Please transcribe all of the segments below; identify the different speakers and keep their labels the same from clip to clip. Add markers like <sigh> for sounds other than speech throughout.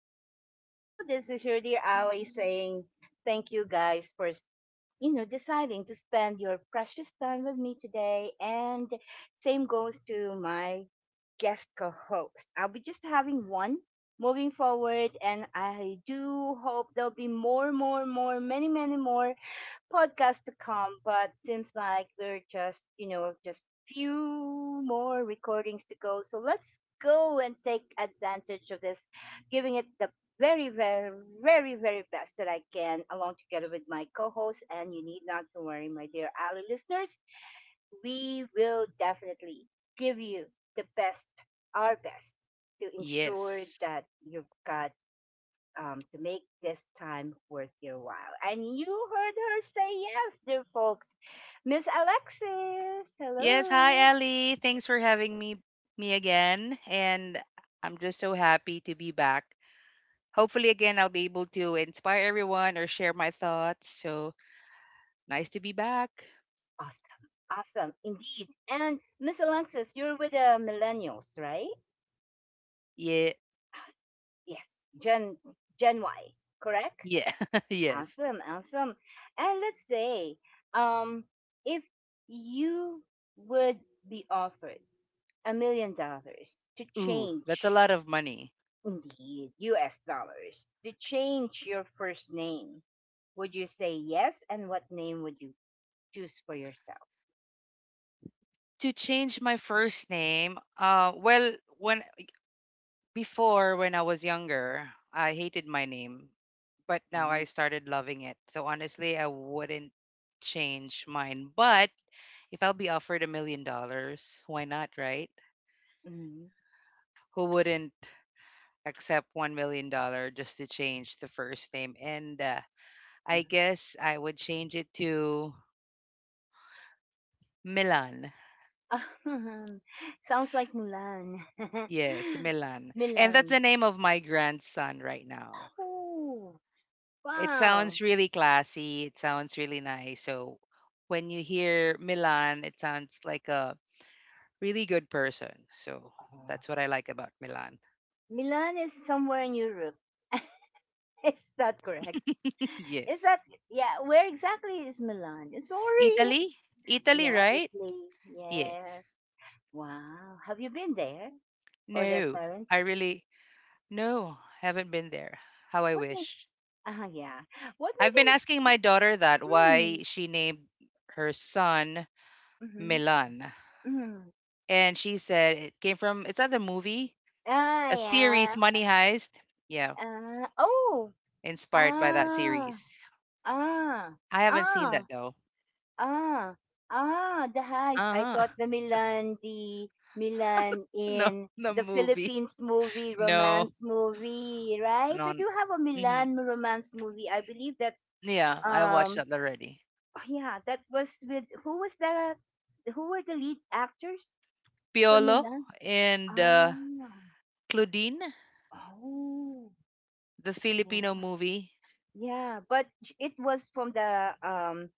Speaker 1: Hello. This is your dear Aoi saying thank you guys for deciding to spend your precious time with me today. And same goes to my guest co host. I'll be just having one moving forward. And I do hope there'll be more, many, many more podcast to come, but seems like we're just few more recordings to go. So let's go and take advantage of this, giving it the very, very, very, very best that I can, along together with my co host. And you need not to worry, my dear Ali listeners, we will definitely give you the best, our best, to ensure
Speaker 2: Yes.
Speaker 1: that you've got to make this time worth your while. And you heard her say yes, dear folks. Miss Alexis,
Speaker 2: Yes, hi
Speaker 1: hello.
Speaker 2: Ali. Thanks for having me again and I'm just so happy to be back. Hopefully again I'll be able to inspire everyone or share my thoughts. So, nice to be back.
Speaker 1: Awesome. Awesome. Indeed. And Miss Alexis, you're with the millennials, right?
Speaker 2: Yeah.
Speaker 1: Awesome. Yes. Gen Y, correct?
Speaker 2: Yeah. <laughs> yes.
Speaker 1: Awesome. Awesome. And let's say, um, if you would be offered $1 million to
Speaker 2: Ooh, that's a
Speaker 1: change.
Speaker 2: lot of money.
Speaker 1: Indeed, US dollars to change your first name. Would you say yes? And what name would you choose for yourself?
Speaker 2: To change my first name, well, when before when I was younger, I hated my name, but now I
Speaker 1: Uh-huh.
Speaker 2: started loving it. So honestly, I wouldn't change mine. But if I'll be offered $1 million, why not, right?
Speaker 1: Mhm.
Speaker 2: Who wouldn't accept $1 million just to change the first name? And I guess I would change it to Milan.
Speaker 1: Uh-huh. <laughs> Sounds like Mulan. <laughs>
Speaker 2: Yes, Milan. And that's
Speaker 1: Milan.
Speaker 2: the name of my grandson right now.
Speaker 1: Oh,
Speaker 2: It
Speaker 1: wow.
Speaker 2: sounds really classy. It sounds really nice. So when you hear Milan, it sounds like a really good person. So
Speaker 1: Uh,
Speaker 2: that's what I like about Milan.
Speaker 1: Milan is somewhere in Europe. <laughs> Is that correct?
Speaker 2: <laughs>
Speaker 1: Is
Speaker 2: yes.
Speaker 1: that, yeah, where exactly is Milan? Sorry. <laughs>
Speaker 2: Italy? Italy,
Speaker 1: Yeah,
Speaker 2: right?
Speaker 1: Italy.
Speaker 2: Yes.
Speaker 1: Yes. Wow. Have you been there? Or their
Speaker 2: No, I
Speaker 1: parents?
Speaker 2: really no, haven't been there. How I
Speaker 1: What made
Speaker 2: wish.
Speaker 1: yeah. What made
Speaker 2: I've been
Speaker 1: them?
Speaker 2: asking my daughter that why
Speaker 1: Hmm.
Speaker 2: she named her son
Speaker 1: Mm-hmm,
Speaker 2: Milan.
Speaker 1: mm-hmm.
Speaker 2: And she said it came from it's not the movie,
Speaker 1: Ah,
Speaker 2: a
Speaker 1: yeah.
Speaker 2: series, Money Heist. Yeah,
Speaker 1: Oh,
Speaker 2: inspired by that
Speaker 1: ah
Speaker 2: series.
Speaker 1: ah
Speaker 2: I haven't seen that
Speaker 1: ah
Speaker 2: though.
Speaker 1: ah the heist. I
Speaker 2: Uh-huh.
Speaker 1: thought
Speaker 2: <laughs>
Speaker 1: the Milan
Speaker 2: No,
Speaker 1: in
Speaker 2: the
Speaker 1: the
Speaker 2: movie.
Speaker 1: Philippines movie,
Speaker 2: No,
Speaker 1: romance movie, right? We
Speaker 2: no.
Speaker 1: do have a
Speaker 2: hmm
Speaker 1: Milan romance movie. I believe that's,
Speaker 2: Yeah, I watched
Speaker 1: um
Speaker 2: that already.
Speaker 1: oh, yeah, that was with, who were the lead actors? For
Speaker 2: Piolo
Speaker 1: Milan?
Speaker 2: and
Speaker 1: Ah.
Speaker 2: Claudine,
Speaker 1: Oh.
Speaker 2: the Filipino
Speaker 1: Yeah.
Speaker 2: movie.
Speaker 1: Yeah, but it was from the,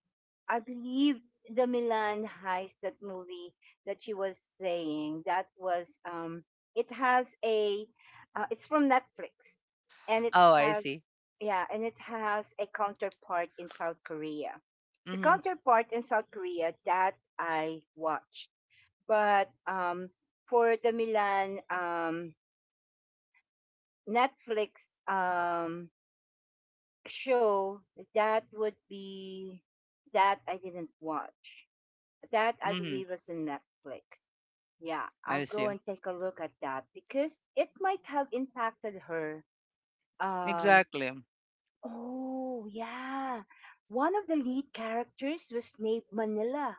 Speaker 1: I believe the Milan heist, that movie that she was saying. That was, it has a, it's from Netflix, and it
Speaker 2: Oh, I
Speaker 1: has,
Speaker 2: see.
Speaker 1: yeah, and it has a counterpart in South Korea. The
Speaker 2: Mhm,
Speaker 1: counterpart in South Korea that I watched, but for the Milan, Netflix, show, that would be that I didn't watch. That I
Speaker 2: mhm.
Speaker 1: believe was in Netflix. Yeah,
Speaker 2: I
Speaker 1: I'll go
Speaker 2: see.
Speaker 1: and take a look at that because it might have impacted her. Um,
Speaker 2: Exactly. M
Speaker 1: oh, yeah. One of the lead characters was named Manila.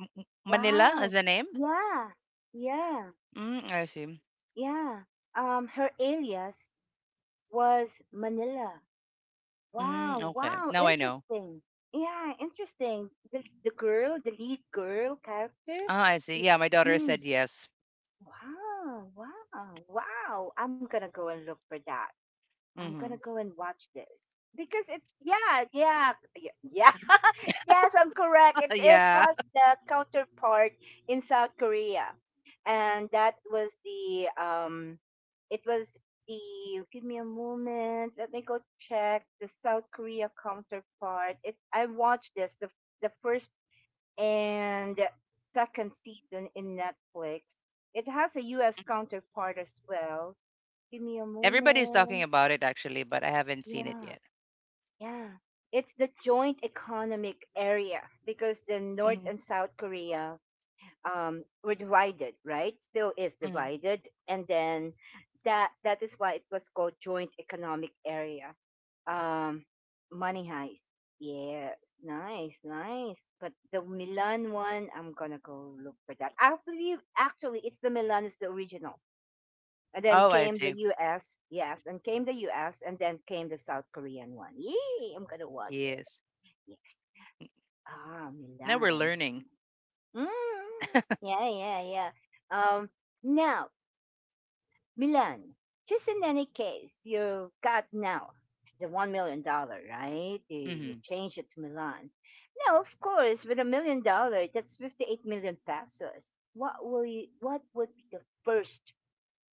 Speaker 2: m Manila as
Speaker 1: Wow.
Speaker 2: a name?
Speaker 1: Yeah, yeah,
Speaker 2: Mm, I see.
Speaker 1: yeah. Her alias was Manila.
Speaker 2: Mm,
Speaker 1: Wow,
Speaker 2: okay.
Speaker 1: wow,
Speaker 2: Now I know.
Speaker 1: interesting. Yeah, interesting. The girl, the lead girl character.
Speaker 2: Ah, I see.
Speaker 1: Mm,
Speaker 2: Yeah, my daughter
Speaker 1: mm.
Speaker 2: said yes.
Speaker 1: Wow, wow, wow. I'm gonna go and look for that. I'm gonna
Speaker 2: Mhm.
Speaker 1: go and watch this because it. Yeah, yeah, yeah, yeah. Yes, I'm
Speaker 2: <laughs>
Speaker 1: correct. It is
Speaker 2: yeah.
Speaker 1: has the counterpart in South Korea, and that was the, it was the. Give me a moment. Let me go check the South Korea counterpart. It I watched this, the first and second season in Netflix. It has a U.S. counterpart as well. Give me a
Speaker 2: Everybody's talking
Speaker 1: moment.
Speaker 2: about it actually, but I haven't seen it
Speaker 1: Yeah.
Speaker 2: yet.
Speaker 1: Yeah. It's the joint economic area because the North
Speaker 2: Mhm,
Speaker 1: and South Korea, were divided, right? Still is
Speaker 2: mhm.
Speaker 1: divided. And then that is why it was called joint economic area. Um, money heist. Yeah, nice, nice. But the Milan one, I'm gonna go look for that. I believe actually it's the Milan is the original. And then
Speaker 2: Oh, I
Speaker 1: came the
Speaker 2: see.
Speaker 1: US, yes, and came the US, and then came the South Korean one. Yay, I'm gonna watch it.
Speaker 2: Yes.
Speaker 1: Yes. Ah,
Speaker 2: Now we're
Speaker 1: Milan.
Speaker 2: learning.
Speaker 1: Mm, yeah, yeah, yeah. Um, now, Milan, just in any case, you got now the $1 million, right? You
Speaker 2: Mhm.
Speaker 1: changed it to Milan. Now, of course, with $1 million, that's 58 million pesos. What will you? What would be the first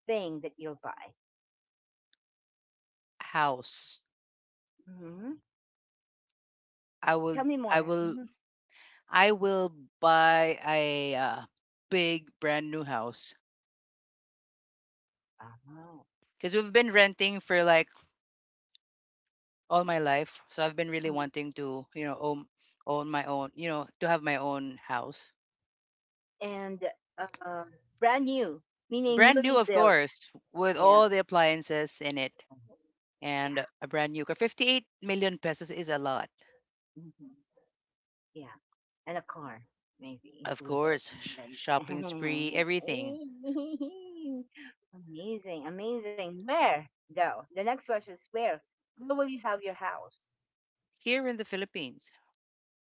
Speaker 1: thing that you'll buy?
Speaker 2: House.
Speaker 1: Hmm.
Speaker 2: I
Speaker 1: Tell
Speaker 2: will.
Speaker 1: me
Speaker 2: I
Speaker 1: more.
Speaker 2: will.
Speaker 1: Hmm.
Speaker 2: I will buy a big brand new house
Speaker 1: Oh.
Speaker 2: because we've been renting for like all my life. So I've been really
Speaker 1: Mhm.
Speaker 2: wanting to, you know, own own my own, you know, to have my own house.
Speaker 1: And uh, brand new, meaning
Speaker 2: Brand new,
Speaker 1: newly
Speaker 2: of
Speaker 1: built.
Speaker 2: course, with
Speaker 1: Yeah.
Speaker 2: all the appliances in it and
Speaker 1: Yeah.
Speaker 2: a brand new car. 58 million pesos is a lot.
Speaker 1: Hmm. Yeah. And a car, maybe
Speaker 2: Of
Speaker 1: included.
Speaker 2: course, sh-
Speaker 1: Like,
Speaker 2: shopping spree, everything.
Speaker 1: <laughs> amazing, amazing. Where, though? The next question is where? Where will you have your house?
Speaker 2: Here in the Philippines.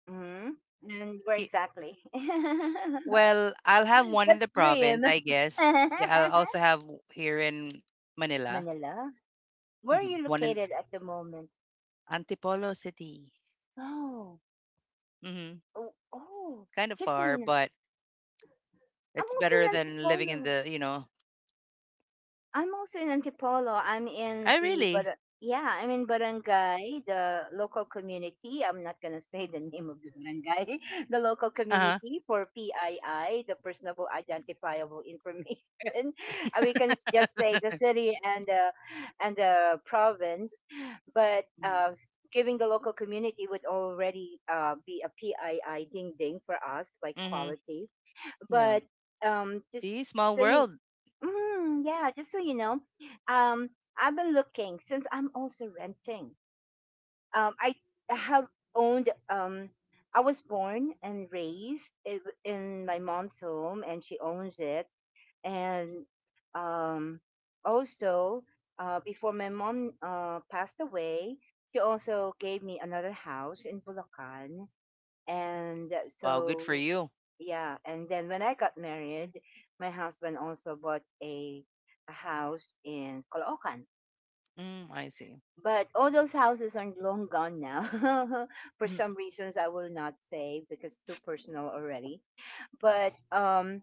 Speaker 1: Hmm. And where
Speaker 2: He-
Speaker 1: exactly? <laughs>
Speaker 2: well, I'll have one in the
Speaker 1: Let's
Speaker 2: province,
Speaker 1: dream.
Speaker 2: I guess. Yeah, I'll also
Speaker 1: <laughs>
Speaker 2: have w- here in Manila.
Speaker 1: Manila? Where are
Speaker 2: Mhm.
Speaker 1: you
Speaker 2: One in
Speaker 1: located at the moment?
Speaker 2: Antipolo City.
Speaker 1: Oh,
Speaker 2: hmm
Speaker 1: oh, oh.
Speaker 2: Kind of
Speaker 1: Just so you
Speaker 2: far,
Speaker 1: know,
Speaker 2: but
Speaker 1: I'm
Speaker 2: it's
Speaker 1: also
Speaker 2: better
Speaker 1: in
Speaker 2: than living in
Speaker 1: Antipolo.
Speaker 2: the, you know.
Speaker 1: I'm also in Antipolo. I'm in
Speaker 2: I
Speaker 1: the But
Speaker 2: really.
Speaker 1: yeah, I'm in Barangay, the local community. I'm not gonna say the name of the barangay, <laughs> the local
Speaker 2: Uh-huh.
Speaker 1: community for PII, the personable identifiable information. <laughs> We can just say the city and the province, but
Speaker 2: Mhm.
Speaker 1: giving the local community would already, be a PII ding ding for us, like
Speaker 2: Mhm.
Speaker 1: quality.
Speaker 2: Yeah.
Speaker 1: But um, just
Speaker 2: See, small
Speaker 1: so you,
Speaker 2: world.
Speaker 1: Mm, yeah, just so you know, um, I've been looking since I'm also renting. I have owned, I was born and raised in my mom's home, and she owns it. And um, also, before my mom, passed away, she also gave me another house in Bulacan. And
Speaker 2: Wow, good for
Speaker 1: so
Speaker 2: you.
Speaker 1: yeah, and then when I got married, my husband also bought a house in Caloocan.
Speaker 2: Mm, I see.
Speaker 1: But all those houses are long gone now. <laughs> For
Speaker 2: Mm.
Speaker 1: some reasons I will not say because too personal already. But um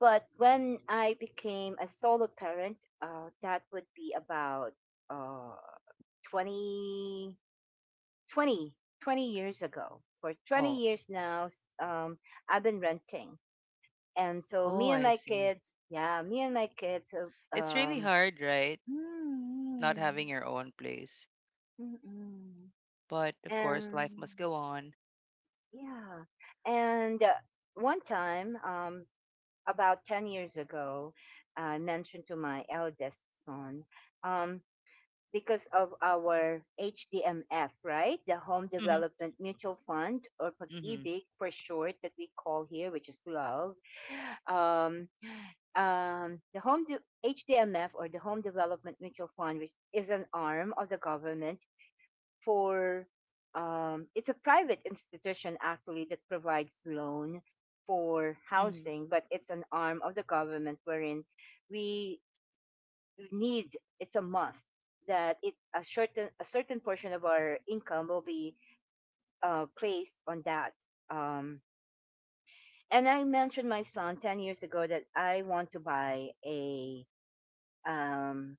Speaker 1: but when I became a solo parent, that would be about uh 20, 20, 20 years ago. For 20
Speaker 2: Oh,
Speaker 1: years now, I've been renting. And so
Speaker 2: oh,
Speaker 1: me and
Speaker 2: I
Speaker 1: my
Speaker 2: see.
Speaker 1: kids, yeah, me and my kids,
Speaker 2: It's really hard, right? Not having
Speaker 1: Mm,
Speaker 2: your own place.
Speaker 1: Mm-mm.
Speaker 2: But of course, life must
Speaker 1: And
Speaker 2: go on.
Speaker 1: yeah, and one time, about 10 years ago, I mentioned to my eldest son, um, because of our HDMF, right? The Home
Speaker 2: Mhm.
Speaker 1: Development Mutual Fund, or
Speaker 2: Mhm.
Speaker 1: pag-ibig for short, that we call here, which is love. Um, the HDMF or the Home Development Mutual Fund, which is an arm of the government, for it's a private institution actually that provides loan for
Speaker 2: Mhm.
Speaker 1: housing, but it's an arm of the government wherein we need it's a must that it a certain portion of our income will be, placed on that. Um, and I mentioned my son 10 years ago that I want to buy a, um,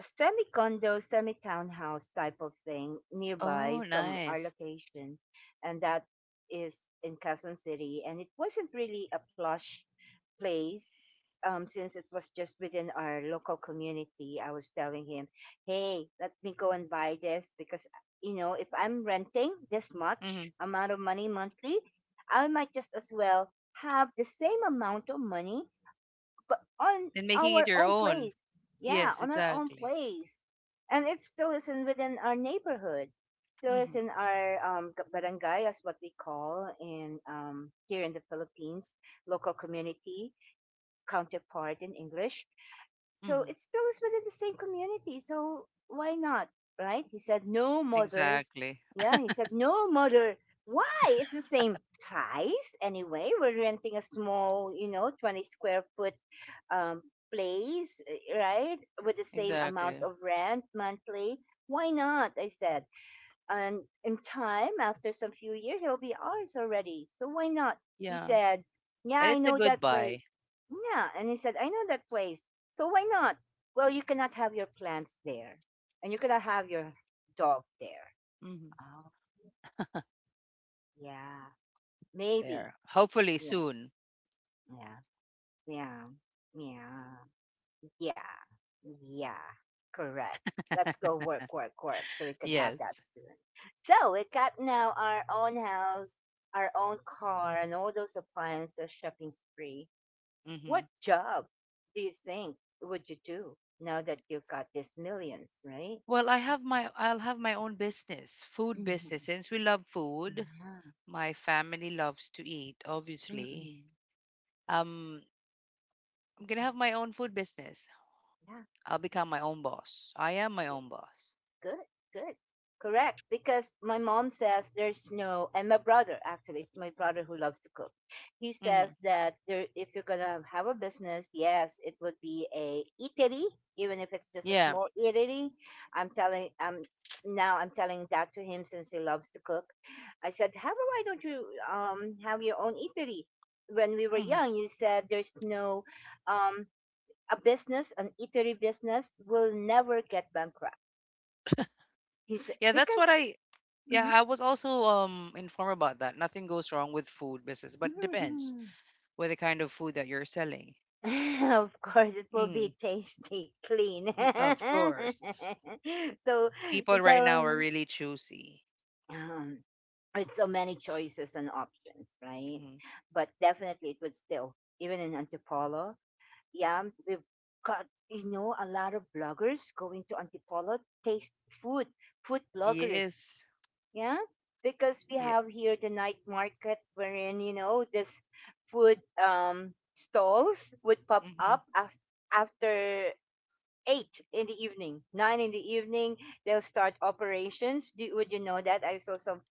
Speaker 1: semi condo, semi townhouse type of thing
Speaker 2: Oh,
Speaker 1: nearby from our
Speaker 2: nice.
Speaker 1: location, and that is in Quezon City. And it wasn't really a plush place, since it was just within our local community. I was telling him, "Hey, let me go and buy this because, if I'm renting this much
Speaker 2: Mhm.
Speaker 1: amount of money monthly, I might just as well." Have the same amount of money but on
Speaker 2: And making it
Speaker 1: our
Speaker 2: your
Speaker 1: own
Speaker 2: own.
Speaker 1: place. Yeah,
Speaker 2: Yes,
Speaker 1: on our own
Speaker 2: exactly.
Speaker 1: place. And it still isn't within our neighborhood. Still is
Speaker 2: Mhm.
Speaker 1: in our, barangay, as what we call in, here in the Philippines, local community counterpart in English. So
Speaker 2: Mhm.
Speaker 1: it's still within the same community. So why not? Right? He said, no, mother.
Speaker 2: Exactly.
Speaker 1: Yeah, he said, no, mother. Why? It's the same size anyway. We're renting a small, 20 square foot, um, place, eh, right? With the same amount
Speaker 2: Exactly.
Speaker 1: of rent monthly. Why not? I said and in time, after some few years, it'll be ours already. So why not? He
Speaker 2: Yeah.
Speaker 1: said, yeah,
Speaker 2: And
Speaker 1: I
Speaker 2: it's a
Speaker 1: know
Speaker 2: good
Speaker 1: that
Speaker 2: buy.
Speaker 1: place. Yeah. And he said, I know that place. So why not? Well, you cannot have your plants there and you cannot have your dog there.
Speaker 2: Mhm.
Speaker 1: Oh, yeah. Maybe.
Speaker 2: There. Hopefully
Speaker 1: Yeah.
Speaker 2: soon.
Speaker 1: Yeah. Yeah. Yeah. Yeah. Yeah. Correct. Let's
Speaker 2: <laughs>
Speaker 1: go work, work, work so we could have that
Speaker 2: Yes.
Speaker 1: soon. So we got now our own house, our own car, and all those appliances shopping spree. What
Speaker 2: hmm
Speaker 1: job do you think would you do now that you have got these millions, right?
Speaker 2: Well, I have my I'll have my own business, food
Speaker 1: Mm-hmm.
Speaker 2: business. Since we love food,
Speaker 1: Yeah.
Speaker 2: my family loves to eat, obviously.
Speaker 1: Mm-mm.
Speaker 2: Um, I'm gonna have my own food business.
Speaker 1: Yeah.
Speaker 2: I'll become my own boss. I am my own boss.
Speaker 1: Good, good. Correct. Because my mom says there's no, and my brother actually, it's my brother who loves to cook. He says
Speaker 2: hmm
Speaker 1: that there, if you're gonna have a business, yes, it would be a eatery, even if it's just a
Speaker 2: Yeah.
Speaker 1: small eatery. I'm telling, um, Now I'm telling that to him since he loves to cook. I said, how why don't you, have your own eatery? When we were
Speaker 2: hmm
Speaker 1: young, you said there's no, um, a business, an eatery business will never get bankrupt. He said
Speaker 2: Yeah, that's what
Speaker 1: because.
Speaker 2: I yeah,
Speaker 1: Mhm,
Speaker 2: I was also informed about that. Nothing goes wrong with food business, but it
Speaker 1: mhm,
Speaker 2: depends
Speaker 1: mhm.
Speaker 2: with the kind of food that you're selling.
Speaker 1: <laughs> of course, it will be
Speaker 2: Mm,
Speaker 1: tasty, clean. <laughs>
Speaker 2: y- of course.
Speaker 1: so
Speaker 2: People right now are
Speaker 1: the
Speaker 2: really choosy.
Speaker 1: um, with so many choices and options, right?
Speaker 2: hmm
Speaker 1: But definitely, it would still even in Antipolo. Yeah, we've got, a lot of bloggers going to Antipolo taste food, food bloggers,
Speaker 2: Yes.
Speaker 1: yeah, because we
Speaker 2: Yeah.
Speaker 1: have here the night market wherein, this food, stalls would pop
Speaker 2: hmm
Speaker 1: up, after eight in the evening, nine in the evening, they'll start operations. Would you know that I saw some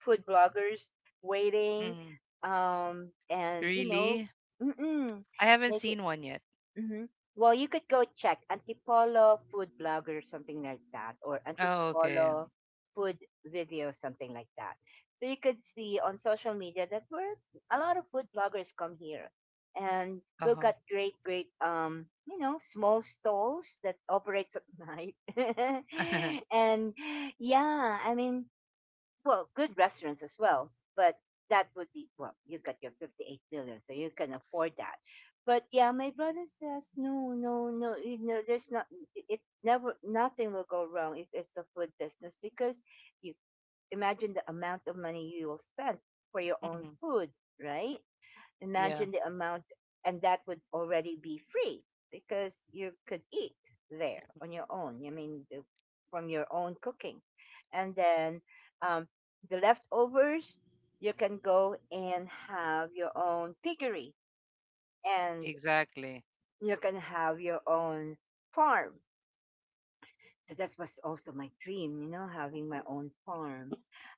Speaker 1: food bloggers waiting,
Speaker 2: hmm
Speaker 1: and,
Speaker 2: Really?
Speaker 1: mm-mm,
Speaker 2: I haven't
Speaker 1: make.
Speaker 2: seen one yet.
Speaker 1: Mm-hmm. Well, you could go check Antipolo food blogger, something like that, or
Speaker 2: Oh, okay.
Speaker 1: Antipolo food video, something like that. So you could see on social media that we're a lot of food bloggers come here, and we've
Speaker 2: Uh-huh.
Speaker 1: got great, small stalls that operates at <laughs> night, <laughs>
Speaker 2: <laughs>
Speaker 1: and yeah, I mean, well, good restaurants as well, but that would be well, you got your 58 million, so you can afford that. But yeah, my brother says no, no, no. You know, there's not. It never, nothing will go wrong if it's a food business because you imagine the amount of money you will spend for your own
Speaker 2: hmm
Speaker 1: food, right?
Speaker 2: Yeah,
Speaker 1: Imagine the amount, and that would already be free because you could eat there on your own. I mean, the, from your own cooking. And then um, the leftovers, you can go and have your own piggery and
Speaker 2: exactly.
Speaker 1: you can have your own farm. So that was also my dream, you know, having my own farm.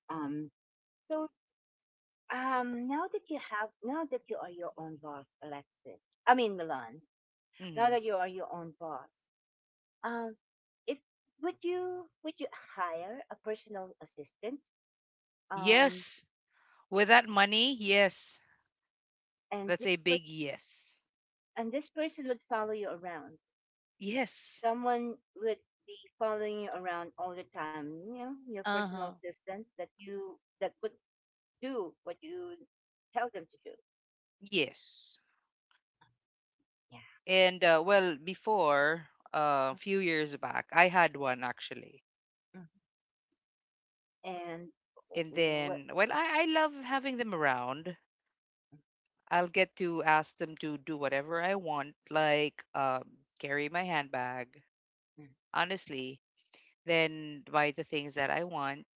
Speaker 1: Um, so Now that you have, now that you are your own boss, Alexis, I mean, Milan, now
Speaker 2: hmm
Speaker 1: that you are your own boss, um, if would you hire a personal assistant, um,
Speaker 2: Yes. With that money, yes.
Speaker 1: and
Speaker 2: That's a
Speaker 1: this per-
Speaker 2: big yes.
Speaker 1: and this person would follow you around?
Speaker 2: Yes.
Speaker 1: Someone would be following you around all the time. You know, your personal
Speaker 2: Uh-huh.
Speaker 1: assistant that would do what you tell them to do.
Speaker 2: Yes.
Speaker 1: Yeah.
Speaker 2: And well, before, a few years back, I had one actually.
Speaker 1: Mm. And
Speaker 2: And
Speaker 1: what?
Speaker 2: then, well, I love having them around. I'll get to ask them to do whatever I want, like carry my handbag, honestly, then buy the things that I want.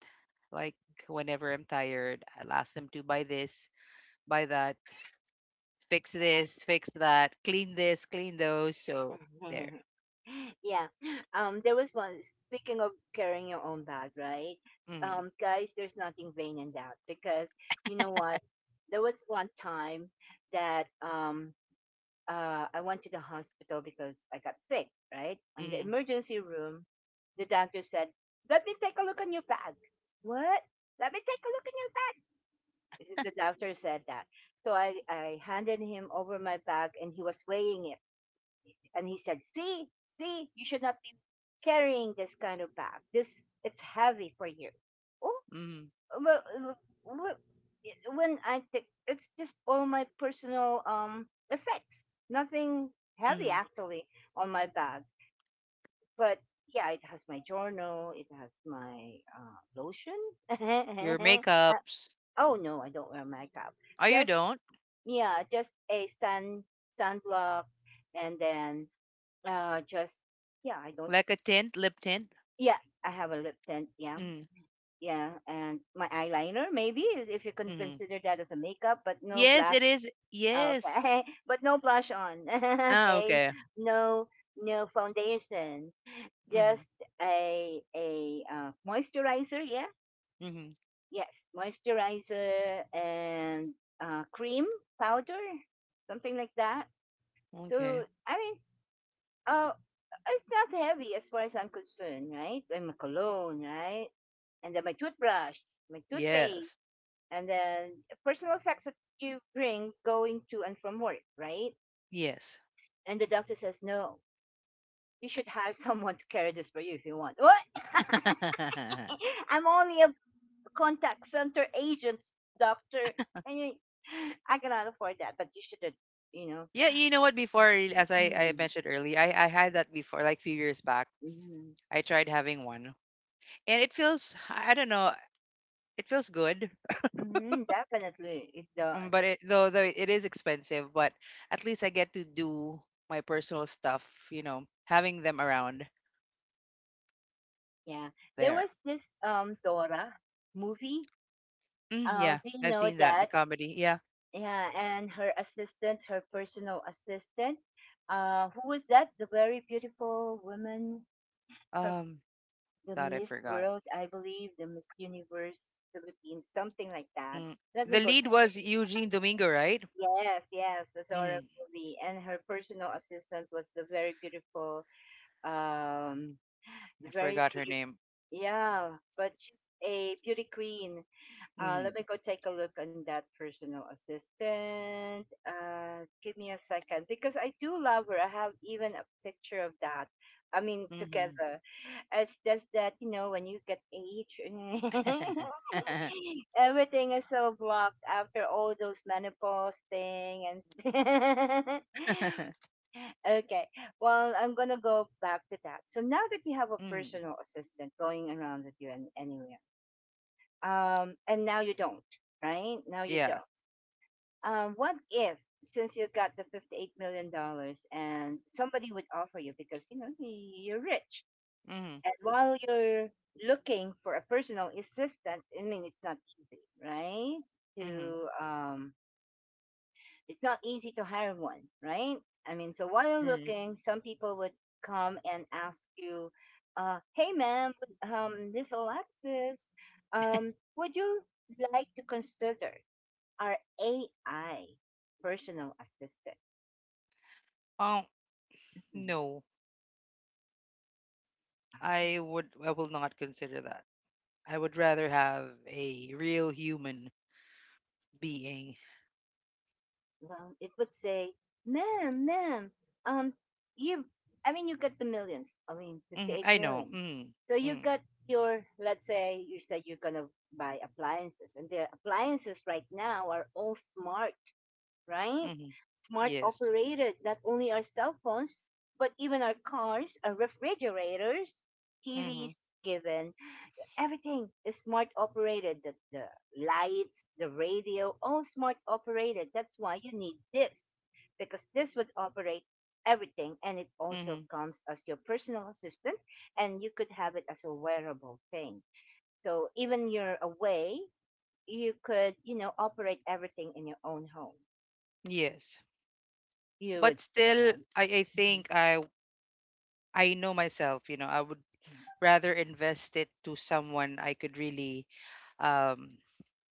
Speaker 2: Like whenever I'm tired, I'll ask them to buy this, buy that, fix this, fix that, clean this, clean those. So there.
Speaker 1: <laughs> yeah. There was one. Speaking of carrying your own bag, right?
Speaker 2: Mm-hmm,
Speaker 1: Guys, there's nothing vain in that because you know what? There was one time that I went to the hospital because I got sick, right? And the
Speaker 2: mm-hmm,
Speaker 1: emergency room, the doctor said, "Let me take a look on your bag." What? Let me take a look in your bag. <laughs> The doctor said that. So I handed him over my bag and he was weighing it. And he said, see, see, you should not be carrying this kind of bag. This it's heavy for you. Oh,
Speaker 2: mm-hmm,
Speaker 1: well, well, when I think it's just all my personal effects, nothing heavy
Speaker 2: mm-hmm.
Speaker 1: actually on my bag. But yeah, it has my journal, it has my lotion.
Speaker 2: Your
Speaker 1: <laughs> Uh,
Speaker 2: makeups.
Speaker 1: oh no, I don't wear makeup.
Speaker 2: Oh, you
Speaker 1: Just
Speaker 2: don't?
Speaker 1: yeah, just a sunblock, and then just yeah I don't
Speaker 2: Like a tint, lip tint?
Speaker 1: yeah I have a lip tint, yeah,
Speaker 2: Mm,
Speaker 1: yeah, and my eyeliner maybe if you can
Speaker 2: mm-hmm.
Speaker 1: consider that as a makeup, but no
Speaker 2: Yes,
Speaker 1: blush.
Speaker 2: it is. Yes.
Speaker 1: Okay. <laughs> But no blush on. <laughs>
Speaker 2: Ah,
Speaker 1: Okay.
Speaker 2: okay.
Speaker 1: No, no foundation,
Speaker 2: Mm-hmm,
Speaker 1: just a moisturizer, yeah.
Speaker 2: mm-hmm.
Speaker 1: Yes, moisturizer and cream powder, something like that. So
Speaker 2: Okay.
Speaker 1: I mean Uh, it's not heavy as far as I'm concerned, right? And my cologne, right? And then my toothbrush, my toothpaste,
Speaker 2: Yes.
Speaker 1: and then personal effects that you bring going to and from work, right?
Speaker 2: Yes.
Speaker 1: And the doctor says, no, you should hire <laughs> someone to carry this for you if you want. What?
Speaker 2: <laughs>
Speaker 1: <laughs> I'm only a contact center agent, doctor. And you, <gasps> I cannot afford that, but you should, you know.
Speaker 2: Yeah, you know what? Before, I real- as I
Speaker 1: Mm,
Speaker 2: mentioned earlier, I had that before, like few years back.
Speaker 1: mm,
Speaker 2: I tried having one, and it feels I don't know, it feels good.
Speaker 1: mm, definitely, it does.
Speaker 2: But it, though it is expensive, but at least I get to do my personal stuff. You know, having them around
Speaker 1: Yeah, there
Speaker 2: there.
Speaker 1: was this Dora movie.
Speaker 2: Mm, yeah,
Speaker 1: Do you
Speaker 2: I've
Speaker 1: know
Speaker 2: seen that in the
Speaker 1: that?
Speaker 2: comedy. Yeah.
Speaker 1: Yeah, and her assistant, her personal assistant, who was that? The very beautiful woman, her
Speaker 2: Um,
Speaker 1: the
Speaker 2: thought I
Speaker 1: Miss
Speaker 2: forgot.
Speaker 1: World, I believe, the Miss Universe Philippines, something like that.
Speaker 2: Mm.
Speaker 1: Let
Speaker 2: The
Speaker 1: me go
Speaker 2: lead
Speaker 1: check.
Speaker 2: was Eugene Domingo, right?
Speaker 1: Yes, yes, the Dora
Speaker 2: Mm,
Speaker 1: movie, and her personal assistant was the very beautiful, um,
Speaker 2: I
Speaker 1: very
Speaker 2: forgot her
Speaker 1: beautiful.
Speaker 2: name.
Speaker 1: Yeah, but she's a beauty queen.
Speaker 2: Mm-hmm.
Speaker 1: Let me go take a look on that personal assistant. Give me a second because I do love her. I have even a picture of that. I mean,
Speaker 2: Mm-hmm.
Speaker 1: together. It's just that, you know, when you get age, <laughs>
Speaker 2: <laughs>
Speaker 1: everything is so blocked after all those menopause thing and <laughs> okay. Well, I'm gonna go back to that. So now that you have a
Speaker 2: mm,
Speaker 1: personal assistant going around with you and anywhere, and now you don't, right? Now you
Speaker 2: yeah.
Speaker 1: don't. What if, since you got the $58 million dollars and somebody would offer you because, you know, you're rich.
Speaker 2: Mm,
Speaker 1: And while you're looking for a personal assistant, I mean, it's not easy, right?
Speaker 2: mm,
Speaker 1: To, it's not easy to hire one, right? I mean, so while you're
Speaker 2: mm.
Speaker 1: looking, some people would come and ask you, hey, ma'am, this Alexis, would you like to consider our AI personal assistant.
Speaker 2: Um,
Speaker 1: Mhm.
Speaker 2: no, I would. I will not consider that. I would rather have a real human being.
Speaker 1: Well, it would say, ma'am, ma'am, um, you, I mean, you got the millions. I mean, 58
Speaker 2: I know.
Speaker 1: millions.
Speaker 2: Mm,
Speaker 1: So you
Speaker 2: mm,
Speaker 1: got your, let's say you said you're going to buy appliances and the appliances right now are all smart, right?
Speaker 2: mm,
Speaker 1: Smart
Speaker 2: yes.
Speaker 1: operated. Not only our cell phones, but even our cars, our refrigerators,
Speaker 2: Mm-hmm,
Speaker 1: TVs, given everything is smart operated, the lights, the radio, all smart operated. That's why you need this, because this would operate everything and it also
Speaker 2: mm-hmm,
Speaker 1: comes as your personal assistant, and you could have it as a wearable thing, so even you're away you could, you know, operate everything in your own home.
Speaker 2: yes.
Speaker 1: You
Speaker 2: But
Speaker 1: would still
Speaker 2: still, I
Speaker 1: mhm,
Speaker 2: think I know myself. You know, I would
Speaker 1: mhm.
Speaker 2: rather invest it to someone I could really, um,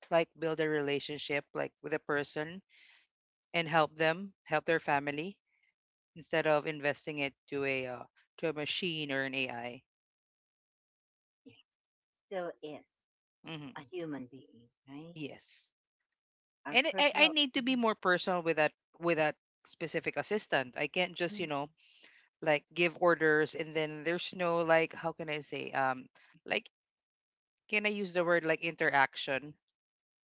Speaker 2: like build a relationship like with a person and help them, help their family instead of investing it to a machine or an AI.
Speaker 1: It still is
Speaker 2: hmm
Speaker 1: a human being, right?
Speaker 2: Yes,
Speaker 1: Our
Speaker 2: and I
Speaker 1: personal.
Speaker 2: need to be
Speaker 1: Mhm,
Speaker 2: more personal with that specific assistant. I can't just you know
Speaker 1: mhm.
Speaker 2: like give orders and then there's no like how can I say like can I use the word like interaction?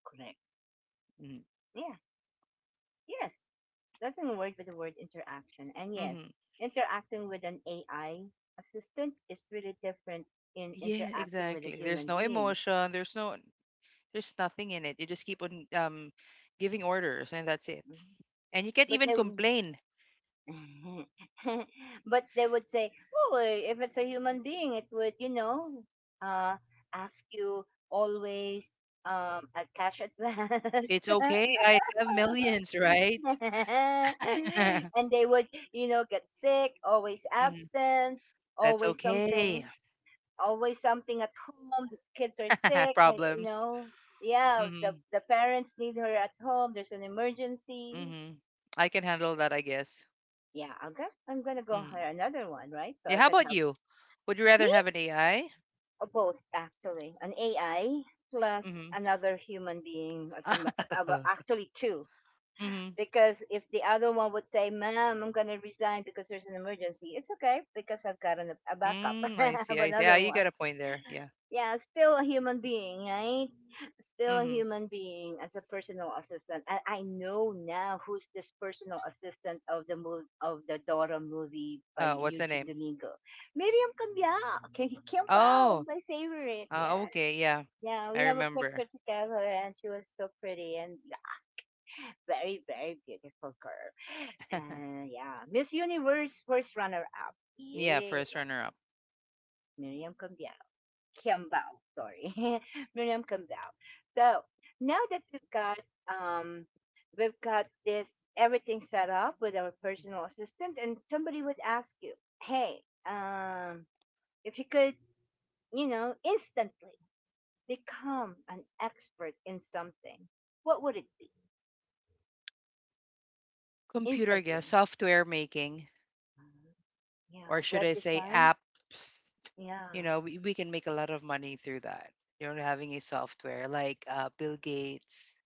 Speaker 1: Correct.
Speaker 2: Mm-hmm.
Speaker 1: Yeah, yes. Doesn't work with the word interaction. And yes,
Speaker 2: Mm-hmm.
Speaker 1: interacting with an AI assistant is really different in
Speaker 2: Yeah,
Speaker 1: interacting with a
Speaker 2: exactly. There's
Speaker 1: human
Speaker 2: no
Speaker 1: being.
Speaker 2: emotion. There's no there's nothing in it. You just keep on giving orders and that's it. And you can't
Speaker 1: But
Speaker 2: even
Speaker 1: they, w-
Speaker 2: complain
Speaker 1: <laughs> but they would say, oh, eh, if it's a human being, it would, you know, uh, ask you always a cash advance.
Speaker 2: it's okay. I have millions, right?
Speaker 1: <laughs> And
Speaker 2: <laughs>
Speaker 1: they would, you know, get sick, always
Speaker 2: Mhm.
Speaker 1: absent,
Speaker 2: That's
Speaker 1: always something.
Speaker 2: okay.
Speaker 1: Always something at home. The kids are
Speaker 2: <laughs>
Speaker 1: sick, like, you
Speaker 2: Problems.
Speaker 1: know. Yeah,
Speaker 2: hmm
Speaker 1: the parents need her at home. There's an emergency.
Speaker 2: hmm I can handle that, I guess.
Speaker 1: Yeah, I'm gonna go
Speaker 2: Mm.
Speaker 1: hire another one, right? So
Speaker 2: Yeah.
Speaker 1: I
Speaker 2: How
Speaker 1: can
Speaker 2: about
Speaker 1: help
Speaker 2: you? Would you rather
Speaker 1: me
Speaker 2: have an AI?
Speaker 1: or both actually, an AI plus
Speaker 2: hmm
Speaker 1: another human being as a ma- well, actually two.
Speaker 2: hmm <laughs>
Speaker 1: Because if the other one would say, "Ma'am, I'm gonna resign because there's an emergency," it's okay because I've got an, a backup
Speaker 2: Mm, I
Speaker 1: <laughs>
Speaker 2: see.
Speaker 1: of
Speaker 2: I see. Ah,
Speaker 1: another
Speaker 2: you got
Speaker 1: one.
Speaker 2: a point there. Yeah.
Speaker 1: Yeah, still a human being, right? Still a
Speaker 2: hmm
Speaker 1: human being as a personal assistant. And I know now who's this personal assistant of the move of the Dora movie by
Speaker 2: Oh, what's the
Speaker 1: Eugene
Speaker 2: name?
Speaker 1: Domingo. Miriam Cambia. <laughs> Kim Pao,
Speaker 2: Oh.
Speaker 1: my favorite. Yeah,
Speaker 2: Okay. Yeah.
Speaker 1: yeah. We
Speaker 2: I
Speaker 1: have a
Speaker 2: remember.
Speaker 1: picture together, and she was so pretty and yeah, very, very beautiful girl.
Speaker 2: <laughs>
Speaker 1: And yeah, Miss Universe first runner-up.
Speaker 2: yeah.
Speaker 1: Yeah,
Speaker 2: First runner up.
Speaker 1: Miriam Cambao. Cambao, sorry, <laughs> Miriam Cambao. So now that um, we've got this everything set up with our personal assistant, and somebody would ask you, "Hey, um, if you could, you know, instantly become an expert in something, what would it be?
Speaker 2: Computer, I guess.
Speaker 1: Instantly."
Speaker 2: Software making,
Speaker 1: Uh, yeah,
Speaker 2: or should
Speaker 1: web
Speaker 2: I say
Speaker 1: design.
Speaker 2: apps? You
Speaker 1: Yeah.
Speaker 2: know we can make a lot of money through that you know having a software like Bill Gates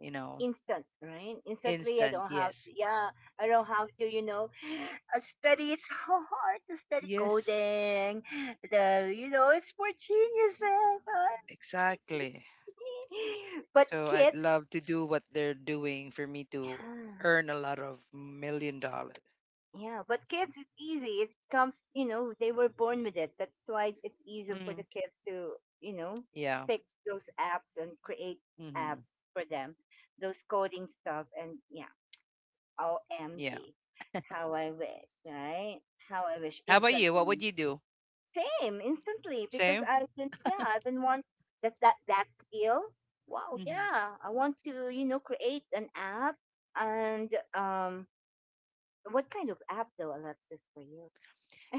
Speaker 2: you know
Speaker 1: Instant, right? Instantly, I
Speaker 2: instant
Speaker 1: don't have
Speaker 2: yes
Speaker 1: to, yeah, I don't have to, you know, <gasps> <sighs> study. It's so hard to study
Speaker 2: yes
Speaker 1: coding. The, you know, it's for geniuses.
Speaker 2: exactly
Speaker 1: Honey. <laughs> But
Speaker 2: so I'd
Speaker 1: kids,
Speaker 2: love to do what they're doing for me to
Speaker 1: yeah,
Speaker 2: earn a lot of million dollars
Speaker 1: yeah, but kids, it's easy. It comes, you know, they were born with it. That's why it's easy for
Speaker 2: hmm
Speaker 1: the kids to, you know,
Speaker 2: yeah
Speaker 1: fix those apps and create
Speaker 2: hmm
Speaker 1: apps for them, those coding stuff. And yeah,
Speaker 2: yeah
Speaker 1: OMG, how I wish, right? How I wish
Speaker 2: how about you what would
Speaker 1: instantly.
Speaker 2: you do
Speaker 1: Same, instantly, because
Speaker 2: same
Speaker 1: I've been, yeah, I've been want that skill. Wow,
Speaker 2: hmm
Speaker 1: yeah, I want to, you know, create an app. And what kind of app though, Alexis, for you?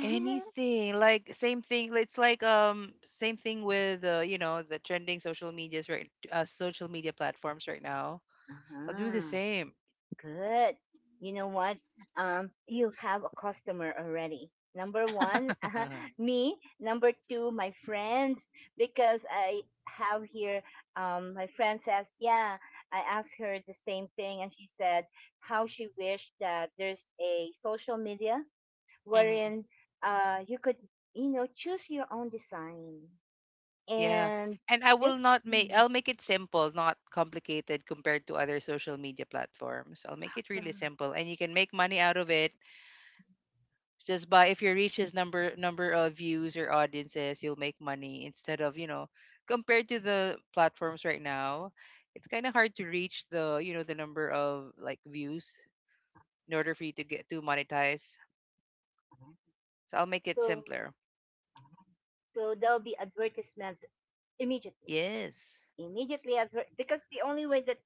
Speaker 2: anything like same thing it's like same thing with you know the trending social medias right social media platforms right now
Speaker 1: <laughs>
Speaker 2: I'll do the
Speaker 1: uh-huh.
Speaker 2: same.
Speaker 1: Good. You know what? You have a customer already. Number one, <laughs>
Speaker 2: <laughs> hmm
Speaker 1: me. Number two, my friends, because I have here. My friend says, yeah. I asked her the same thing, and she said how she wished that there's a social media wherein you could, you know, choose your own design.
Speaker 2: Yeah.
Speaker 1: And
Speaker 2: And I will
Speaker 1: this
Speaker 2: not make,
Speaker 1: mm,
Speaker 2: I'll make it simple, not complicated compared to other social media platforms. I'll make it really
Speaker 1: awesome.
Speaker 2: simple and you can make money out of it just by if you reach this number of views or audiences, you'll make money instead of, you know, compared to the platforms right now, it's kind of hard to reach the, you know, the number of like views in order for you to get to monetize. So I'll make it
Speaker 1: So
Speaker 2: simpler.
Speaker 1: so there'll be advertisements immediately,
Speaker 2: Yes.
Speaker 1: immediately adver- because the only way that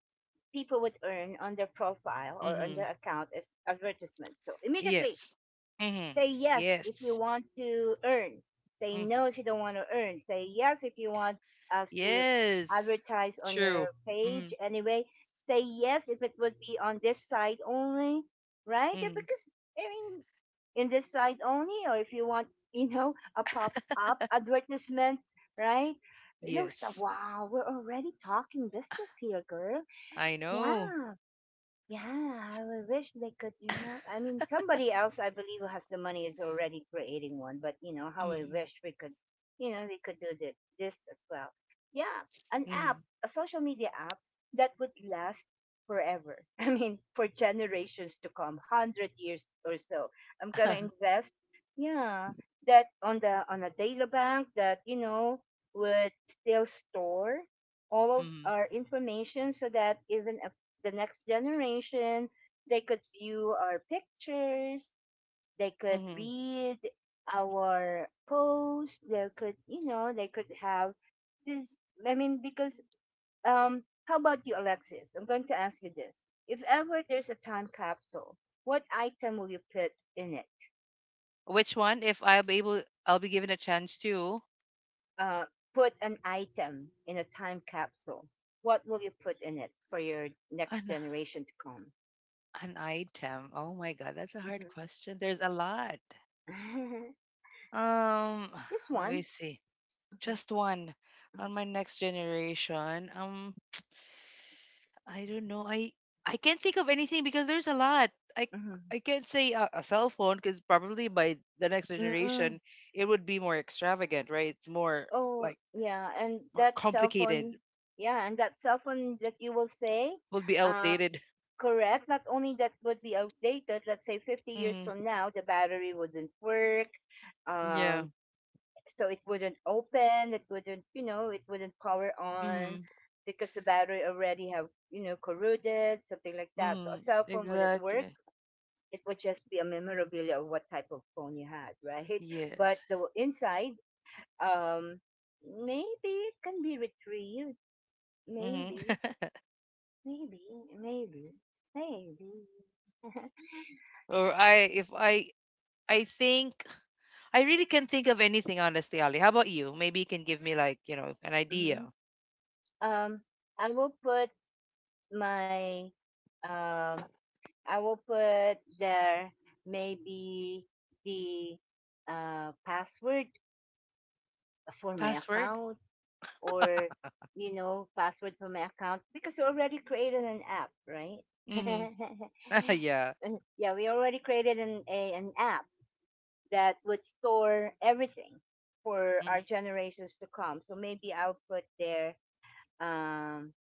Speaker 1: people would earn on their profile or on their account is advertisement. So immediately
Speaker 2: Yes. Mm-hmm.
Speaker 1: say yes if you
Speaker 2: Yes.
Speaker 1: want to earn. Say
Speaker 2: hmm
Speaker 1: no if you don't want to earn. Say yes if you want us to
Speaker 2: Yes.
Speaker 1: advertise on
Speaker 2: True.
Speaker 1: your page
Speaker 2: Mm-hmm.
Speaker 1: anyway. Say yes if it would be on this side only, right? Eh,
Speaker 2: Mm-hmm.
Speaker 1: because, I mean, in this side only, or if you want, you know, a pop up advertisement, right? You know, stuff.
Speaker 2: Yes.
Speaker 1: Wow, we're already talking business here, girl.
Speaker 2: I know.
Speaker 1: Yeah. Yeah, I would wish they could, you know. I mean, somebody else, I believe, who has the money is already creating one, but you know, how I
Speaker 2: Mm-hmm.
Speaker 1: wish we could, you know, we could do this as well. Yeah, an app, a social media app that would last forever. <laughs> I mean, for generations to come, 100 years or so. I'm going to
Speaker 2: Mm-hmm.
Speaker 1: invest, yeah, that on the on a data bank that, you know, would still store all of our information so that even the next generation. They could view our pictures. They could
Speaker 2: hmm
Speaker 1: read our posts. They could, you know, they could have this. I mean, because how about you, Alexis? I'm going to ask you this: if ever there's a time capsule, what item will you put in it?
Speaker 2: <laughs> Which one? If I'll be able, I'll be given a chance to
Speaker 1: Uh, put an item in a time capsule. What will you put in it for your next
Speaker 2: an
Speaker 1: generation to come?
Speaker 2: an item. Oh my God, that's a
Speaker 1: Mhm.
Speaker 2: hard question. There's a lot.
Speaker 1: <laughs>
Speaker 2: Um,
Speaker 1: Just
Speaker 2: <sighs> let me
Speaker 1: one.
Speaker 2: see. Just one on my next generation. I don't know. I can't think of anything because there's a lot. I
Speaker 1: Hmm.
Speaker 2: I can't say a cell phone because probably by the next
Speaker 1: Mm-mm.
Speaker 2: generation it would be more extravagant, right? It's more
Speaker 1: Oh,
Speaker 2: like
Speaker 1: yeah, and
Speaker 2: more
Speaker 1: that cell phone,
Speaker 2: complicated.
Speaker 1: yeah, and that cell phone that you will say,
Speaker 2: Would be
Speaker 1: um,
Speaker 2: outdated.
Speaker 1: correct. Not only that would be outdated. Let's say 50 years from
Speaker 2: Mm-hmm.
Speaker 1: now, the battery wouldn't work.
Speaker 2: Yeah.
Speaker 1: Um, so it wouldn't open. It wouldn't power on
Speaker 2: Mm-hmm.
Speaker 1: because the battery already have, corroded, something like that. So a
Speaker 2: Mm-hmm.
Speaker 1: cell phone wouldn't work.
Speaker 2: Exactly.
Speaker 1: It would just be a memorabilia of what type of phone you had, <laughs> right? But
Speaker 2: Yes.
Speaker 1: the inside um maybe it can be retrieved.
Speaker 2: Mm-hmm.
Speaker 1: maybe
Speaker 2: <laughs>
Speaker 1: maybe maybe maybe <laughs>
Speaker 2: or I if I I think I really can't think of anything, honestly, Ali. How about you? Maybe you can give me like, you know, an
Speaker 1: hmm
Speaker 2: idea.
Speaker 1: um I will put my, um I will put there maybe the password for my
Speaker 2: Password?
Speaker 1: account. Or, password for my account because you already created an app, right?
Speaker 2: Mm-hmm.
Speaker 1: <laughs>
Speaker 2: <laughs> yeah.
Speaker 1: Yeah, we already created an app that would store everything for our
Speaker 2: hmm
Speaker 1: generations to come. So maybe I'll put there, um,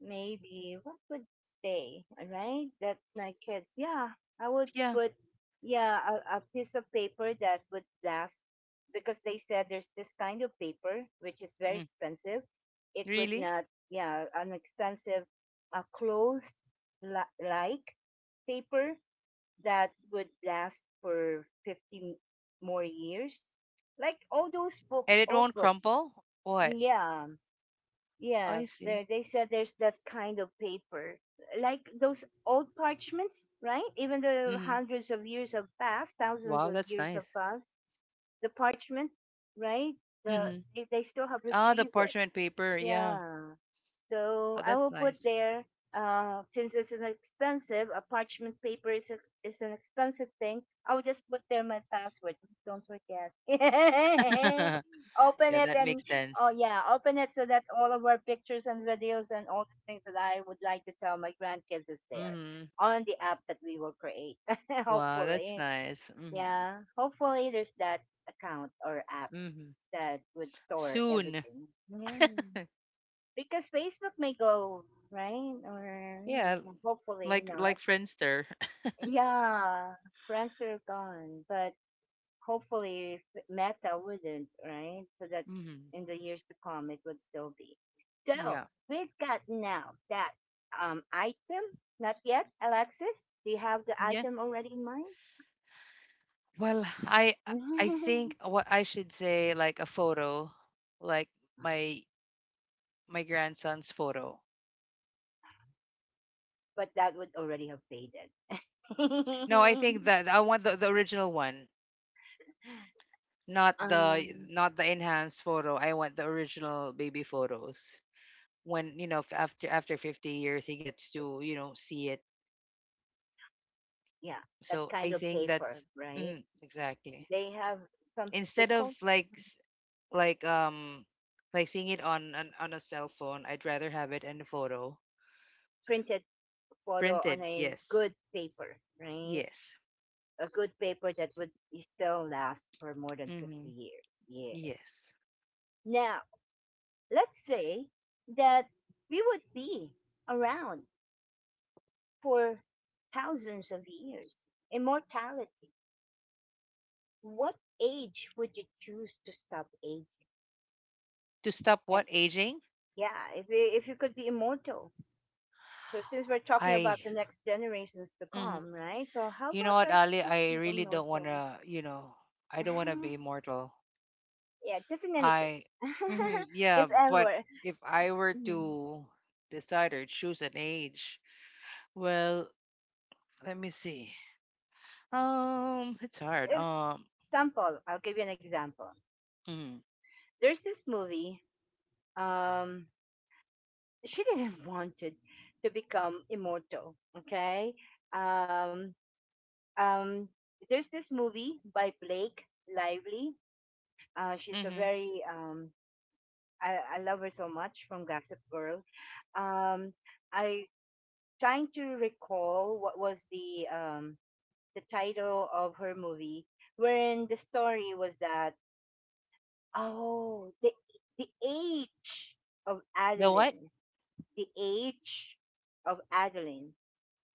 Speaker 1: maybe what would stay, all right? That my kids, yeah, I would
Speaker 2: Yeah.
Speaker 1: put, yeah, a piece of paper that would last because they said there's this kind of paper which is very
Speaker 2: Mm.
Speaker 1: expensive. It would
Speaker 2: Really?
Speaker 1: not, yeah, an expensive, clothes like paper that would last for 50 more years, like all those
Speaker 2: And
Speaker 1: books,
Speaker 2: it
Speaker 1: old
Speaker 2: won't
Speaker 1: books.
Speaker 2: crumple? What?
Speaker 1: Yeah,
Speaker 2: I
Speaker 1: yes,
Speaker 2: see.
Speaker 1: there they said there's that kind of paper, like those old parchments, right? Even though
Speaker 2: Mm-hmm.
Speaker 1: hundreds of years have passed, thousands
Speaker 2: Wow,
Speaker 1: of
Speaker 2: that's
Speaker 1: years have
Speaker 2: nice.
Speaker 1: passed, the parchment, right? the
Speaker 2: Mm-hmm.
Speaker 1: they still haven't
Speaker 2: Ah, the
Speaker 1: read it.
Speaker 2: parchment paper. Yeah.
Speaker 1: Yeah, so
Speaker 2: Oh,
Speaker 1: I will
Speaker 2: that's
Speaker 1: put
Speaker 2: nice.
Speaker 1: there, since it's an expensive, a parchment paper is, is an expensive thing, I will just put there my password. Don't forget. <laughs>
Speaker 2: <laughs>
Speaker 1: Open
Speaker 2: yeah,
Speaker 1: it
Speaker 2: that
Speaker 1: and,
Speaker 2: makes
Speaker 1: oh
Speaker 2: sense.
Speaker 1: yeah, open it so that all of our pictures and videos and all the things that I would like to tell my grandkids is there
Speaker 2: Mm-hmm.
Speaker 1: on the app that we will create. <laughs>
Speaker 2: Wow, that's
Speaker 1: Hopefully.
Speaker 2: nice. Mm-hmm.
Speaker 1: Yeah. Hopefully there's that account or app
Speaker 2: Mm-hmm.
Speaker 1: that would store
Speaker 2: Soon.
Speaker 1: everything. Yeah,
Speaker 2: <laughs>
Speaker 1: because Facebook may go, right, or you
Speaker 2: yeah,
Speaker 1: know, hopefully
Speaker 2: like
Speaker 1: not.
Speaker 2: Friendster.
Speaker 1: Yeah, Friendster gone, but hopefully Meta wouldn't, right? So that
Speaker 2: <laughs> mm-hmm.
Speaker 1: in the years to come, it would still be. So
Speaker 2: Yeah.
Speaker 1: we've got now that item. Not yet, Alexis. Do you have the item already in mind?
Speaker 2: Well, I
Speaker 1: <laughs>
Speaker 2: think what I should say like a photo, like my my grandson's photo.
Speaker 1: But that would already have faded.
Speaker 2: No, I think
Speaker 1: <laughs>
Speaker 2: that I want the original one, not the
Speaker 1: um,
Speaker 2: not the enhanced photo. I want the original baby photos. When, you know, f- after after 50 years he gets to, you know, see it.
Speaker 1: yeah, that
Speaker 2: So
Speaker 1: kind
Speaker 2: I
Speaker 1: of
Speaker 2: think
Speaker 1: paper,
Speaker 2: that's
Speaker 1: right?
Speaker 2: mm, exactly.
Speaker 1: They have some, they
Speaker 2: Instead of
Speaker 1: call
Speaker 2: like s- like um like seeing it on a cell phone, I'd rather have it in a photo.
Speaker 1: printed photo on
Speaker 2: Printed,
Speaker 1: a
Speaker 2: yes.
Speaker 1: good paper, right?
Speaker 2: Yes.
Speaker 1: A good paper that would still last for more than 50
Speaker 2: hmm
Speaker 1: years. Yeah.
Speaker 2: Yes.
Speaker 1: Now, let's say that we would be around for thousands of years. Immortality. What age would you choose to stop aging?
Speaker 2: To stop
Speaker 1: And
Speaker 2: what aging?
Speaker 1: yeah, if you could be immortal. So since we're talking about
Speaker 2: I,
Speaker 1: the next generations to
Speaker 2: mhm.
Speaker 1: come, right? So how
Speaker 2: You know
Speaker 1: about
Speaker 2: what,
Speaker 1: let's
Speaker 2: Ali?
Speaker 1: just
Speaker 2: I
Speaker 1: be
Speaker 2: really don't want
Speaker 1: immortal.
Speaker 2: to, you know, I don't want to be
Speaker 1: <laughs>
Speaker 2: immortal.
Speaker 1: Yeah, just in any case,
Speaker 2: I, mhm,
Speaker 1: <laughs>
Speaker 2: yeah,
Speaker 1: if
Speaker 2: but
Speaker 1: ever.
Speaker 2: if I were
Speaker 1: Mhm.
Speaker 2: to decide or choose an age, well, let me see. It's hard.
Speaker 1: If- Example, I'll give you an example.
Speaker 2: Mm,
Speaker 1: There's this movie. Um, she didn't <laughs> want it to become immortal. Okay. Um, um, there's this movie by Blake Lively. She's a
Speaker 2: hmm
Speaker 1: very I love her so much from Gossip Girl. Um, I trying to recall what was the title of her movie, wherein the story was that, oh, the age of
Speaker 2: the what?
Speaker 1: Adeline, the age of Adeline.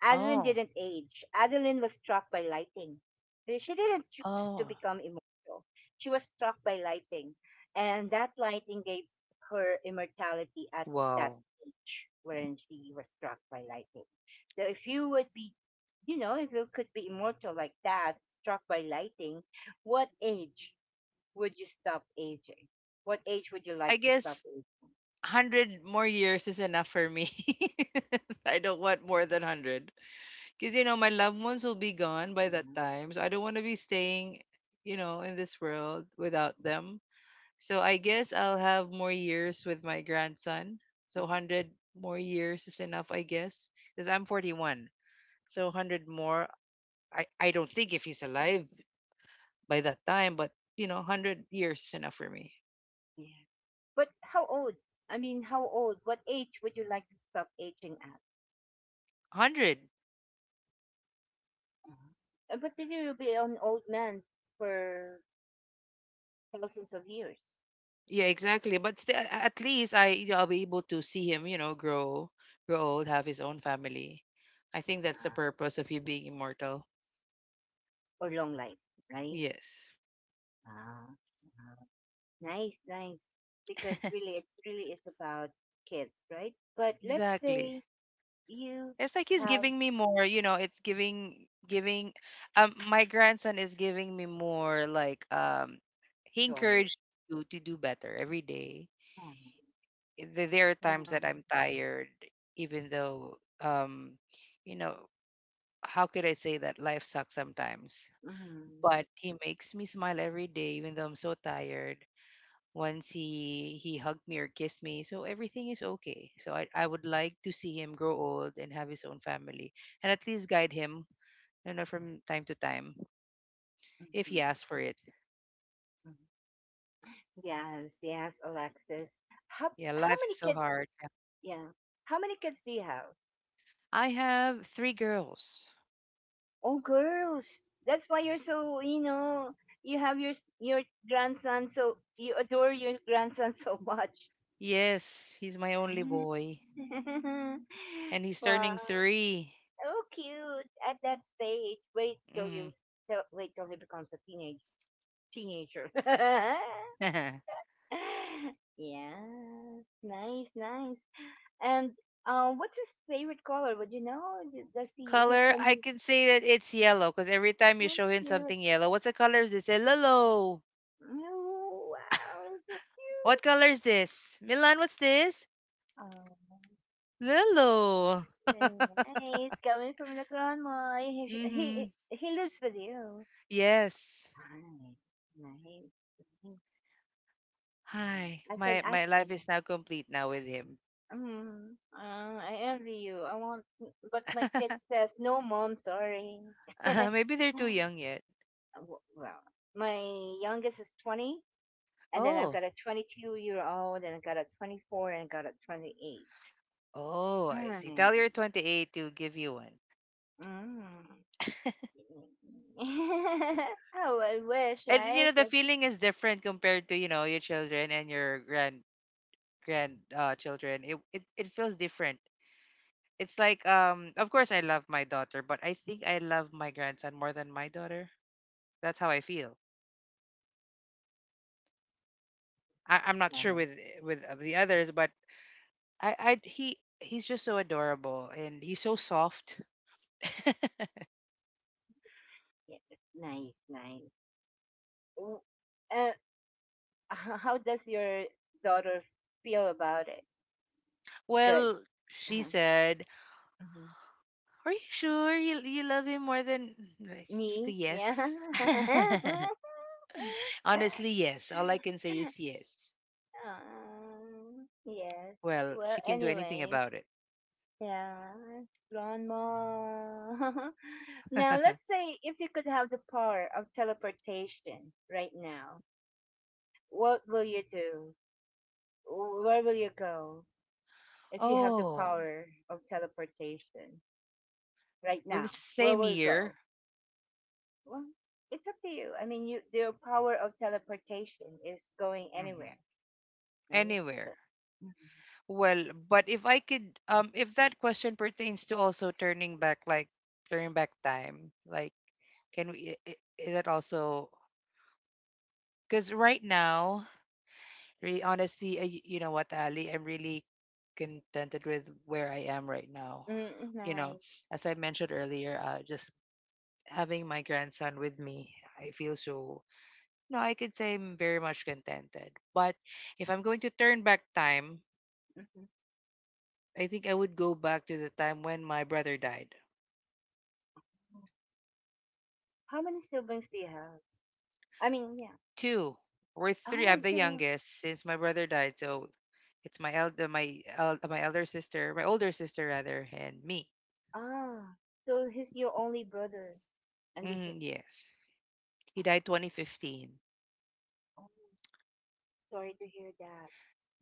Speaker 1: Adeline
Speaker 2: Oh,
Speaker 1: didn't age. Adeline was struck by lighting. She didn't choose to
Speaker 2: oh,
Speaker 1: become immortal. She was struck by lighting. And that lighting gave her immortality at that
Speaker 2: wow.
Speaker 1: age wherein she was struck by lighting. So if you would be, you know, if you could be immortal like that, struck by lighting, what age would you stop aging? What age would you
Speaker 2: I
Speaker 1: like to stop
Speaker 2: guess
Speaker 1: aging?
Speaker 2: 100 more years is enough for me. <laughs> I don't want more than 100. Because, you know, my loved ones will be gone by that
Speaker 1: Mhm.
Speaker 2: time. So I don't want to be staying, you know, in this world without them. So I guess I'll have more years with my grandson. So 100 more years is enough, I guess. Because I'm 41. So 100 more, I don't think if he's alive by that time, but, 100 years is enough for me.
Speaker 1: Mhm. But how old? I mean, how old? What age would you like to stop aging at?
Speaker 2: 100.
Speaker 1: uh But then you'll be an old man for thousands of years.
Speaker 2: Yeah, exactly. But still, at least I'll be able to see him, you know, grow, grow old, have his own family. I think that's the
Speaker 1: Uh-huh.
Speaker 2: purpose of you being immortal.
Speaker 1: Or long life, right?
Speaker 2: Yes,
Speaker 1: Ah, huh. Nice, nice. Because
Speaker 2: <laughs>
Speaker 1: really, it's really is about kids, right? But let's
Speaker 2: exactly.
Speaker 1: say you
Speaker 2: It's like he's
Speaker 1: have
Speaker 2: giving me more, you know, it's giving, my grandson is giving me more, like, he
Speaker 1: joy.
Speaker 2: encouraged you to do better every day.
Speaker 1: Mhm.
Speaker 2: There are times
Speaker 1: Yeah.
Speaker 2: that I'm tired even though you know, how could I say that life sucks sometimes?
Speaker 1: Mm-hmm.
Speaker 2: But he makes me smile every day even though I'm so tired. Once he hugged me or kissed me, so everything is okay. So I would like to see him grow old and have his own family, and at least guide him, you know, from time to time if he
Speaker 1: Mm-hmm.
Speaker 2: asks for it.
Speaker 1: Mm-hmm. Yes, yes, Alexis. How
Speaker 2: Yeah,
Speaker 1: how
Speaker 2: life
Speaker 1: many
Speaker 2: is so
Speaker 1: kids?
Speaker 2: hard. Yeah.
Speaker 1: Yeah. How many kids do you have?
Speaker 2: I have three girls.
Speaker 1: Oh, girls. That's why you're so, you know, you have your your grandson, so you adore your grandson so much.
Speaker 2: Yes, he's my only boy, and he's
Speaker 1: <laughs> Wow,
Speaker 2: turning three.
Speaker 1: so cute at that stage. Wait till
Speaker 2: Mm.
Speaker 1: you wait till he becomes a teenager. <laughs>
Speaker 2: <laughs>
Speaker 1: Yeah, nice, nice. And what's his favorite color? Would you know? Does he
Speaker 2: Color,
Speaker 1: can
Speaker 2: I
Speaker 1: he?
Speaker 2: can say that it's yellow, because every time you
Speaker 1: Thank
Speaker 2: show him
Speaker 1: you.
Speaker 2: something yellow, what's the color? They say yellow.
Speaker 1: Oh, wow, so
Speaker 2: What
Speaker 1: cute.
Speaker 2: color is this? Milan, what's this?
Speaker 1: Oh,
Speaker 2: Lilo. <laughs>
Speaker 1: ayan. It's coming from the grandma. He, he,
Speaker 2: Mm-hmm.
Speaker 1: he lives with you.
Speaker 2: Yes.
Speaker 1: Ay, nice. Nice.
Speaker 2: Hi.
Speaker 1: I can
Speaker 2: My
Speaker 1: act
Speaker 2: my life
Speaker 1: in.
Speaker 2: is now complete now with him.
Speaker 1: Mm, I envy you. But my kid
Speaker 2: <laughs>
Speaker 1: says, no, mom, sorry. <laughs> W-
Speaker 2: Maybe they're too young yet.
Speaker 1: well, my youngest is 20, and then I've
Speaker 2: Oh.
Speaker 1: got a 22-year-old, and I've got a 24, and I've got a 28.
Speaker 2: Oh, I see.
Speaker 1: Ay,
Speaker 2: Tell your 28 to give you one.
Speaker 1: mm. <laughs> Oh, I wish,
Speaker 2: And you know
Speaker 1: right?
Speaker 2: the
Speaker 1: That's
Speaker 2: feeling is different compared to, you know, your children and your grand children. It feels different. It's like, of course I love my daughter, but I think I love my grandson more than my daughter. That's how I feel. I, I'm not sure
Speaker 1: Mhm.
Speaker 2: with of the others, but I, he's just so adorable and he's so soft. <laughs>
Speaker 1: Yeah, nice, nice. W- Uh, how does your daughter feel about it? Good.
Speaker 2: Well, she
Speaker 1: Uh-huh.
Speaker 2: said,
Speaker 1: Mhm.
Speaker 2: "Are you sure you love him more than?" Like,
Speaker 1: Me? Yeah.
Speaker 2: yes. <laughs>
Speaker 1: <laughs>
Speaker 2: Honestly, yes. All I can say is yes.
Speaker 1: Yes.
Speaker 2: Well,
Speaker 1: Well,
Speaker 2: she can do anything
Speaker 1: anyways,
Speaker 2: about it.
Speaker 1: yeah, grandma. <laughs> Now,
Speaker 2: <laughs>
Speaker 1: let's say if you could have the power of teleportation right now, what will you do? Where will you go if you have the
Speaker 2: Oh,
Speaker 1: power of teleportation right
Speaker 2: well, the
Speaker 1: now? Where
Speaker 2: same
Speaker 1: will you
Speaker 2: year,
Speaker 1: go? Well, it's up to you. I mean, you the power of teleportation is going anywhere,
Speaker 2: mhm,
Speaker 1: right?
Speaker 2: anywhere.
Speaker 1: So-
Speaker 2: Well, but if I could, if that question pertains to also turning back, like turning back time, like can we, is that also, because right now, really honestly, you know what, Ali, I'm really contented with where I am right now.
Speaker 1: mm.
Speaker 2: You know,
Speaker 1: Nice.
Speaker 2: as I mentioned earlier, just having my grandson with me, I feel so, no, I could say I'm very much contented. But if I'm going to turn back time,
Speaker 1: Hmm.
Speaker 2: I think I would go back to the time when my brother died.
Speaker 1: How many siblings do you have? I mean, yeah.
Speaker 2: Two. We're three. I'm
Speaker 1: Oh,
Speaker 2: the
Speaker 1: you.
Speaker 2: youngest since my brother died, so it's my elder, my elder sister, my older sister rather, and me.
Speaker 1: Ah, so he's your only brother, and the.
Speaker 2: Hmm, yes, he
Speaker 1: Oh,
Speaker 2: died 2015.
Speaker 1: oh, sorry to hear that.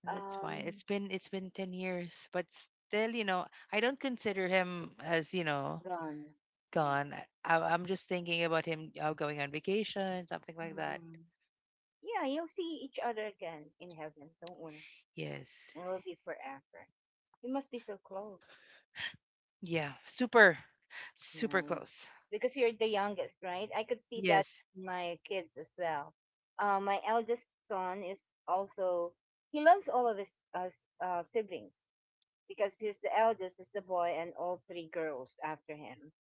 Speaker 2: That's fine.
Speaker 1: Um,
Speaker 2: It's been 10 years, but still, you know, I don't consider him as, you know,
Speaker 1: gone.
Speaker 2: gone.
Speaker 1: Yeah.
Speaker 2: I'm just thinking about him, going on vacation, something like that.
Speaker 1: Mhm. Yeah, you'll see each other again in heaven. Don't worry.
Speaker 2: Yes,
Speaker 1: It will be forever. You must be so close.
Speaker 2: yeah, super, super
Speaker 1: Nice.
Speaker 2: close.
Speaker 1: Because you're the youngest, right? I could see that
Speaker 2: Yes.
Speaker 1: in my kids as well. My eldest son is also, he loves all of his siblings because he's the eldest, is the boy, and all three girls after him.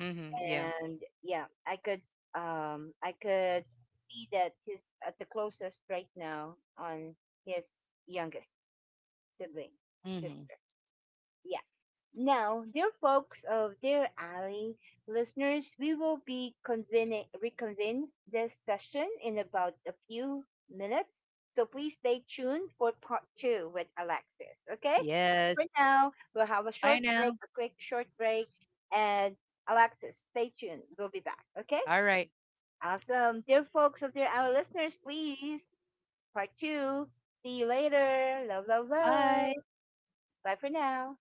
Speaker 2: Hmm. Yeah.
Speaker 1: And yeah, I could see that he's at the closest right now on his youngest, the Bing
Speaker 2: Hmm.
Speaker 1: sister. Yeah. Now, dear folks of Dear Ally listeners, we will be convening, reconvene this session in about a few minutes. So please stay tuned for part two with Alexis. Okay?
Speaker 2: Yes.
Speaker 1: For now, we'll have a
Speaker 2: I
Speaker 1: short
Speaker 2: know.
Speaker 1: break, a quick short break, and Alexis, stay tuned. We'll be back. Okay?
Speaker 2: All right.
Speaker 1: Awesome. Dear folks of Dear Ally listeners, please, part two. See you later. Love, love, love.
Speaker 2: Bye.
Speaker 1: Bye for now.